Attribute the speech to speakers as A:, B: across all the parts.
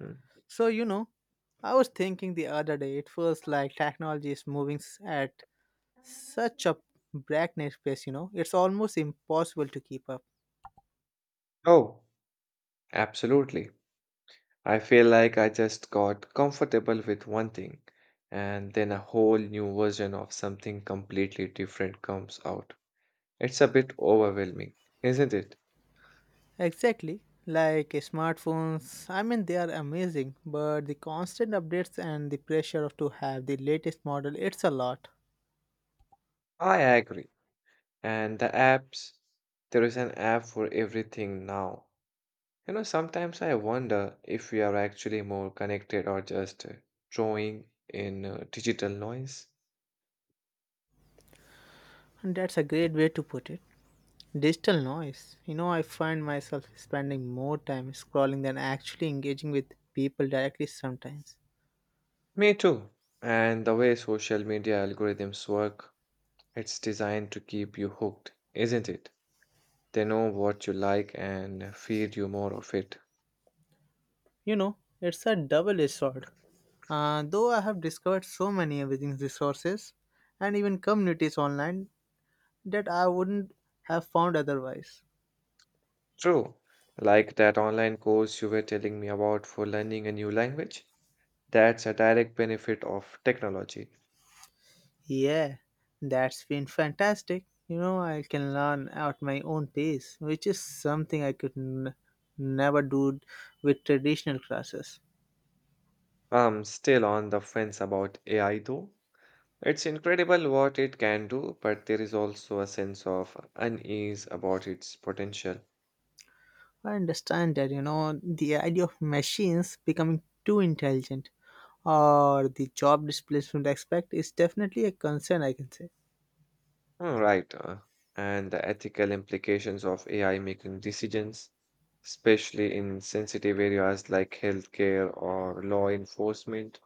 A: Mm.
B: So, you know, I was thinking the other day, it feels like technology is moving at such a breakneck pace, you know, it's almost impossible to keep up.
A: Oh, absolutely. I feel like I just got comfortable with one thing, and then a whole new version of something completely different comes out. It's a bit overwhelming, isn't it?
B: Exactly, like smartphones, I mean, they are amazing, but the constant updates and the pressure of to have the latest model, it's a lot.
A: I agree. And the apps, there is an app for everything now. You know, sometimes I wonder if we are actually more connected or just drawing in digital noise.
B: And that's a great way to put it. Digital noise. You know, I find myself spending more time scrolling than actually engaging with people directly sometimes.
A: Me too. And the way social media algorithms work. It's designed to keep you hooked, isn't it? They know what you like and feed you more of it.
B: You know, it's a double edged sword. Though I have discovered so many amazing resources and even communities online that I wouldn't have found otherwise.
A: True, like that online course you were telling me about for learning a new language. That's a direct benefit of technology.
B: Yeah, that's been fantastic. You know, I can learn at my own pace, which is something I could never do with traditional classes.
A: I'm still on the fence about AI though. It's incredible what it can do, but there is also a sense of unease about its potential.
B: I understand that, you know, the idea of machines becoming too intelligent or the job displacement aspect is definitely a concern, I can say.
A: Oh, right. And the ethical implications of AI making decisions, especially in sensitive areas like healthcare or law enforcement.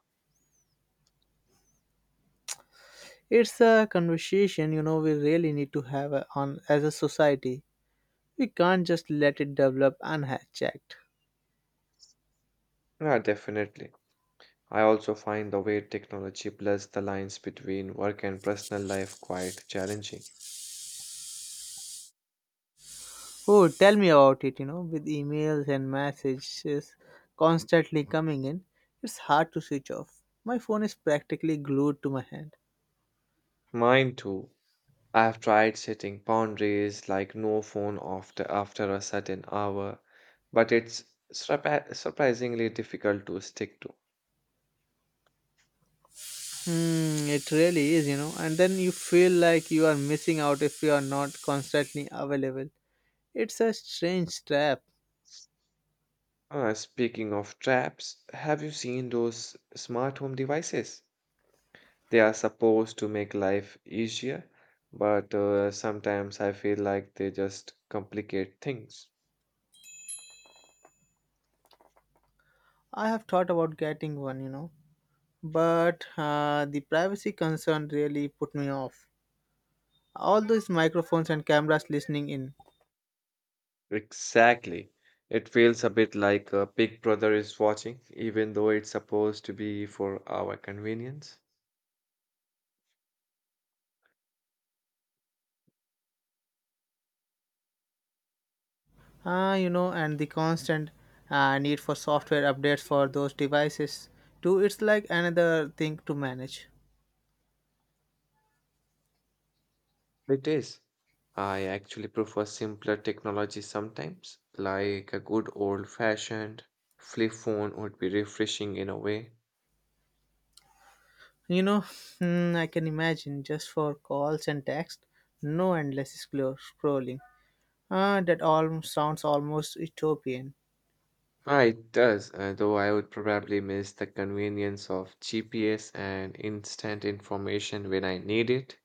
B: It's a conversation, you know, we really need to have on as a society. We can't just let it develop unchecked.
A: Yeah, definitely. I also find the way technology blurs the lines between work and personal life quite challenging.
B: Oh, tell me about it. You know, with emails and messages constantly coming in, it's hard to switch off. My phone is practically glued to my hand.
A: Mine too. I have tried setting boundaries like no phone after a certain hour, but it's surprisingly difficult to stick to.
B: Hmm, it really is, you know. And then you feel like you are missing out if you are not constantly available. It's a strange trap.
A: Speaking of traps, have you seen those smart home devices? They are supposed to make life easier, but sometimes I feel like they just complicate things.
B: I have thought about getting one, you know, but the privacy concern really put me off. All those microphones and cameras listening in.
A: Exactly. It feels a bit like a Big Brother is watching, even though it's supposed to be for our convenience.
B: Ah, you know, and the constant need for software updates for those devices too. It's like another thing to manage.
A: It is. I actually prefer simpler technology sometimes, like a good old-fashioned flip phone would be refreshing in a way.
B: You know, hmm, I can imagine, just for calls and text, no endless scrolling. Ah, that all sounds almost utopian.
A: Ah, it does, though I would probably miss the convenience of GPS and instant information when I need it.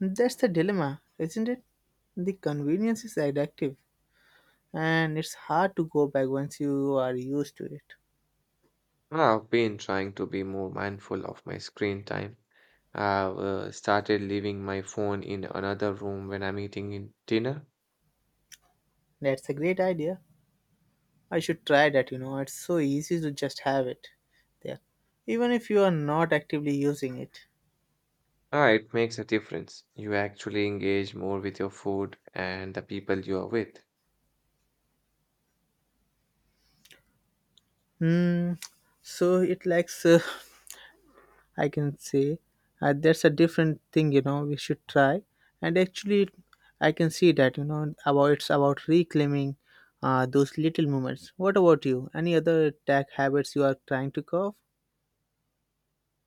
B: That's the dilemma, isn't it? The convenience is addictive and it's hard to go back once you are used to it.
A: I've been trying to be more mindful of my screen time. I've started leaving my phone in another room when I'm eating in dinner.
B: That's a great idea. I should try that, you know. It's so easy to just have it there, even if you are not actively using it.
A: Ah, it makes a difference. You actually engage more with your food and the people you are with.
B: Hmm. So it likes, I can say, that's a different thing, you know. We should try, and actually, I can see that, you know, about it's about reclaiming those little moments. What about you? Any other tech habits you are trying to curb?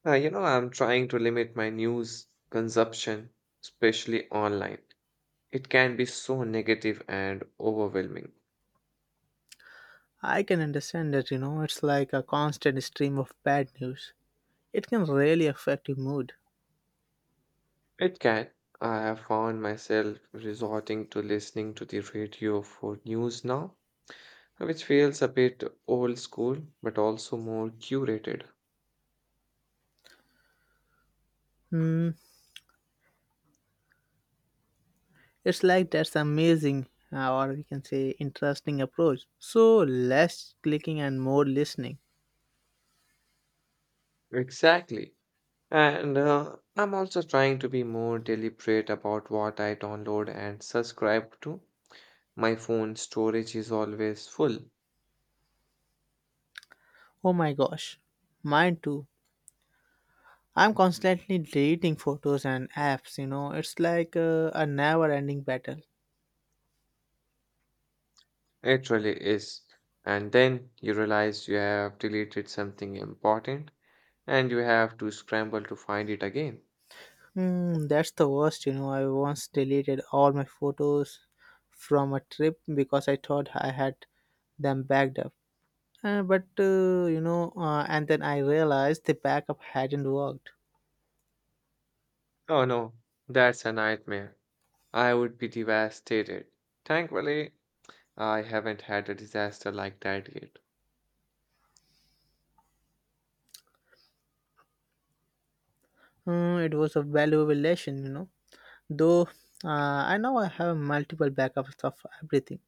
A: Ah, you know, I'm trying to limit my news consumption, especially online. It can be so negative and overwhelming.
B: I can understand that, you know, it's like a constant stream of bad news. It can really affect your mood.
A: It can. I have found myself resorting to listening to the radio for news now, which feels a bit old school but also more curated.
B: Hmm, it's like that's amazing, or we can say interesting approach. So less clicking and more listening.
A: Exactly. And I'm also trying to be more deliberate about what I download and subscribe to. My phone storage is always full.
B: Oh my gosh, mine too. I'm constantly deleting photos and apps, you know, it's like a never ending battle.
A: It really is. And then you realize you have deleted something important and you have to scramble to find it again.
B: Hmm, that's the worst, you know. I once deleted all my photos from a trip because I thought I had them backed up. And then I realized the backup hadn't worked.
A: Oh no, that's a nightmare. I would be devastated. Thankfully, I haven't had a disaster like that yet.
B: Hmm, it was a valuable lesson, you know. Though I now I have multiple backups of everything.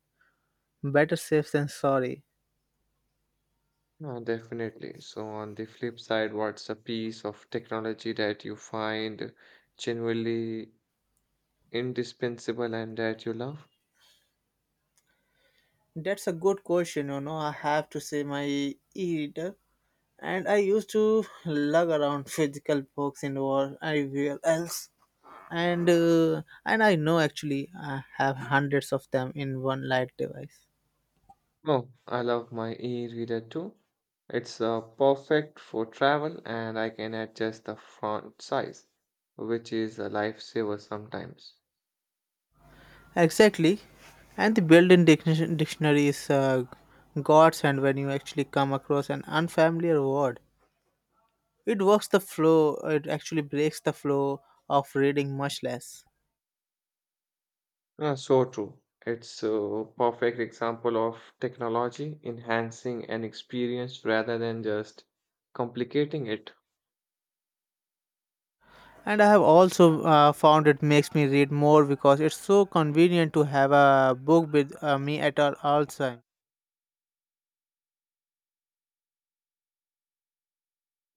B: Better safe than sorry.
A: No, definitely. So, on the flip side, what's a piece of technology that you find genuinely indispensable and that you love?
B: That's a good question, you know. I have to say my e-reader, and I used to lug around physical books and all everywhere else. And I know actually I have hundreds of them in one light device.
A: Oh, I love my e-reader too. It's perfect for travel and I can adjust the font size, which is a lifesaver sometimes.
B: Exactly. And the built-in dictionary is gods, and when you actually come across an unfamiliar word, it works the flow. It actually breaks the flow of reading much less.
A: So true. It's a perfect example of technology enhancing an experience rather than just complicating it.
B: And I have also found it makes me read more because it's so convenient to have a book with me at all time.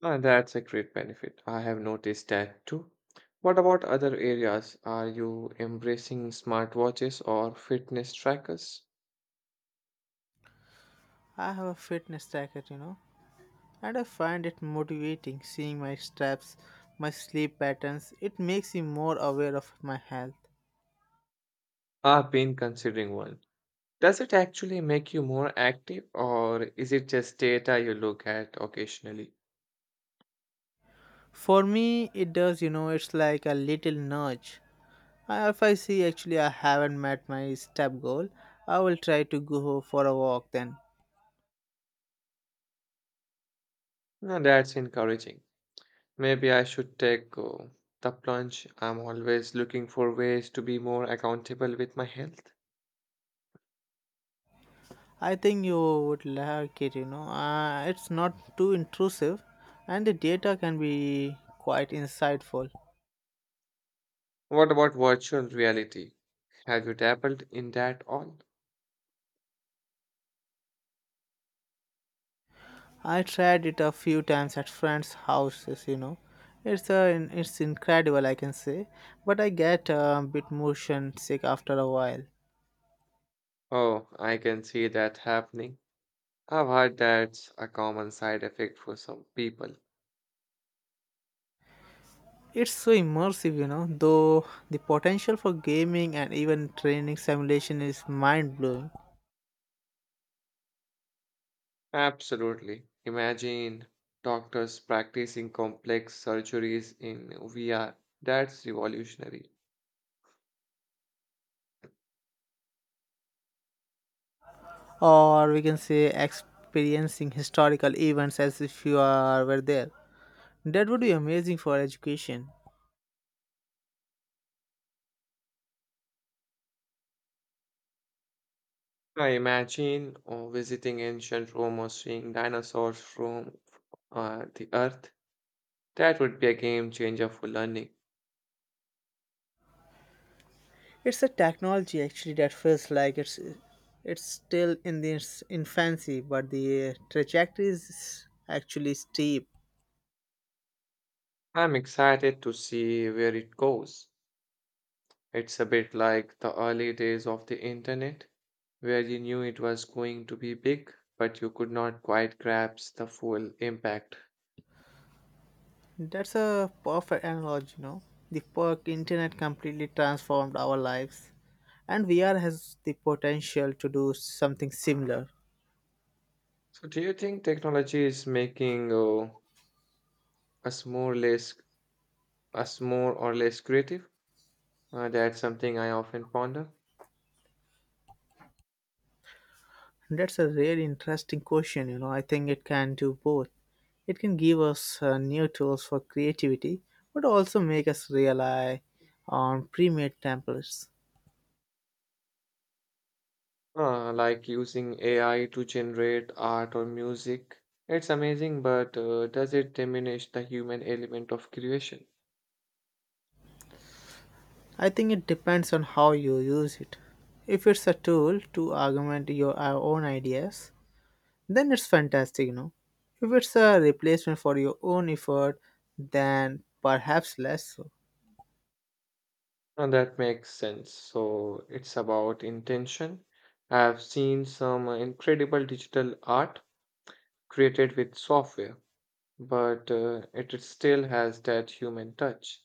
A: And that's a great benefit. I have noticed that too. What about other areas? Are you embracing smartwatches or fitness trackers?
B: I have a fitness tracker, you know, and I find it motivating seeing my steps, my sleep patterns. It makes me more aware of my health.
A: I've been considering one. Does it actually make you more active, or is it just data you look at occasionally?
B: For me, it does, you know, it's like a little nudge. If I see actually I haven't met my step goal, I will try to go for a walk then.
A: Now that's encouraging. Maybe I should take the plunge. I'm always looking for ways to be more accountable with my health.
B: I think you would like it, you know. It's not too intrusive and the data can be quite insightful.
A: What about virtual reality? Have you dabbled in that all?
B: I tried it a few times at friends' houses, you know. It's a it's incredible, I can say, but I get a bit motion sick after a while.
A: Oh, I can see that happening. I've heard that's a common side effect for some people.
B: It's so immersive, you know, though the potential for gaming and even training simulation is mind blowing.
A: Absolutely. Imagine doctors practicing complex surgeries in VR. That's revolutionary.
B: Or we can say experiencing historical events as if you are were there. That would be amazing for education.
A: I imagine or visiting ancient Rome or seeing dinosaurs from the earth. That would be a game changer for learning.
B: It's a technology actually that feels like it's still in its infancy, but the trajectory is actually steep.
A: I'm excited to see where it goes. It's a bit like the early days of the internet, where you knew it was going to be big, but you could not quite grasp the full impact.
B: That's a perfect analogy, you know. The perk internet completely transformed our lives, and VR has the potential to do something similar.
A: So, do you think technology is making us more less, us more or less creative? That's something I often ponder.
B: That's a really interesting question, you know. I think it can do both. It can give us new tools for creativity, but also make us rely on pre-made templates.
A: Like using AI to generate art or music. It's amazing, but does it diminish the human element of creation?
B: I think it depends on how you use it. If it's a tool to augment your own ideas, then it's fantastic, you know. If it's a replacement for your own effort, then perhaps less so.
A: And that makes sense. So it's about intention. I've seen some incredible digital art created with software, but it still has that human touch.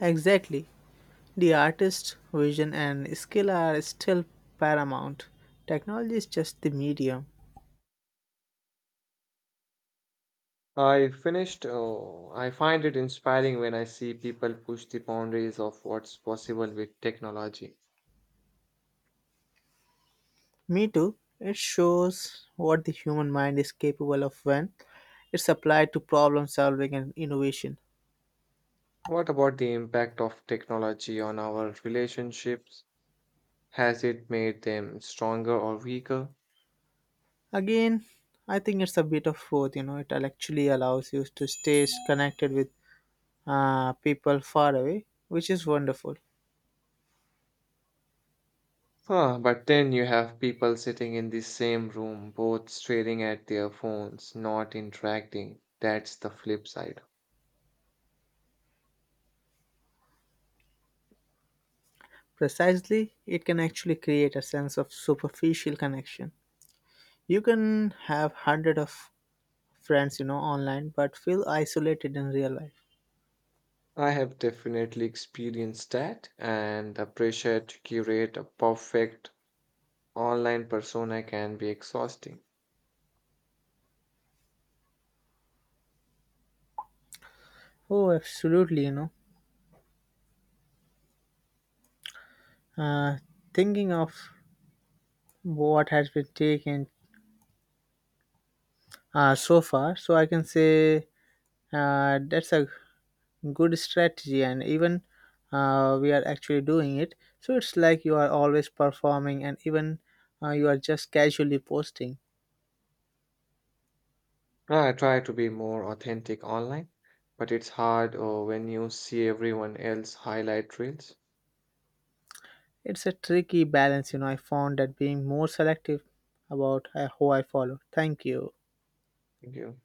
B: Exactly. The artist's vision and skill are still paramount. Technology is just the medium.
A: I finished. Oh, I find it inspiring when I see people push the boundaries of what's possible with technology.
B: Me too. It shows what the human mind is capable of when it's applied to problem solving and innovation.
A: What about the impact of technology on our relationships? Has it made them stronger or weaker?
B: Again, I think it's a bit of both, you know, it actually allows you to stay connected with people far away, which is wonderful.
A: Huh, but then you have people sitting in the same room, both staring at their phones, not interacting. That's the flip side.
B: Precisely, it can actually create a sense of superficial connection. You can have hundred of friends, you know, online, but feel isolated in real life.
A: I have definitely experienced that, and the pressure to curate a perfect online persona can be exhausting.
B: Oh, absolutely, you know. Uh, thinking of what has been taken so far, so I can say that's a good strategy, and even we are actually doing it, so it's like you are always performing, and even you are just casually posting.
A: I try to be more authentic online, but it's hard when you see everyone else highlight reels.
B: It's a tricky balance, you know. I found that being more selective about who I follow. Thank you.
A: Thank you.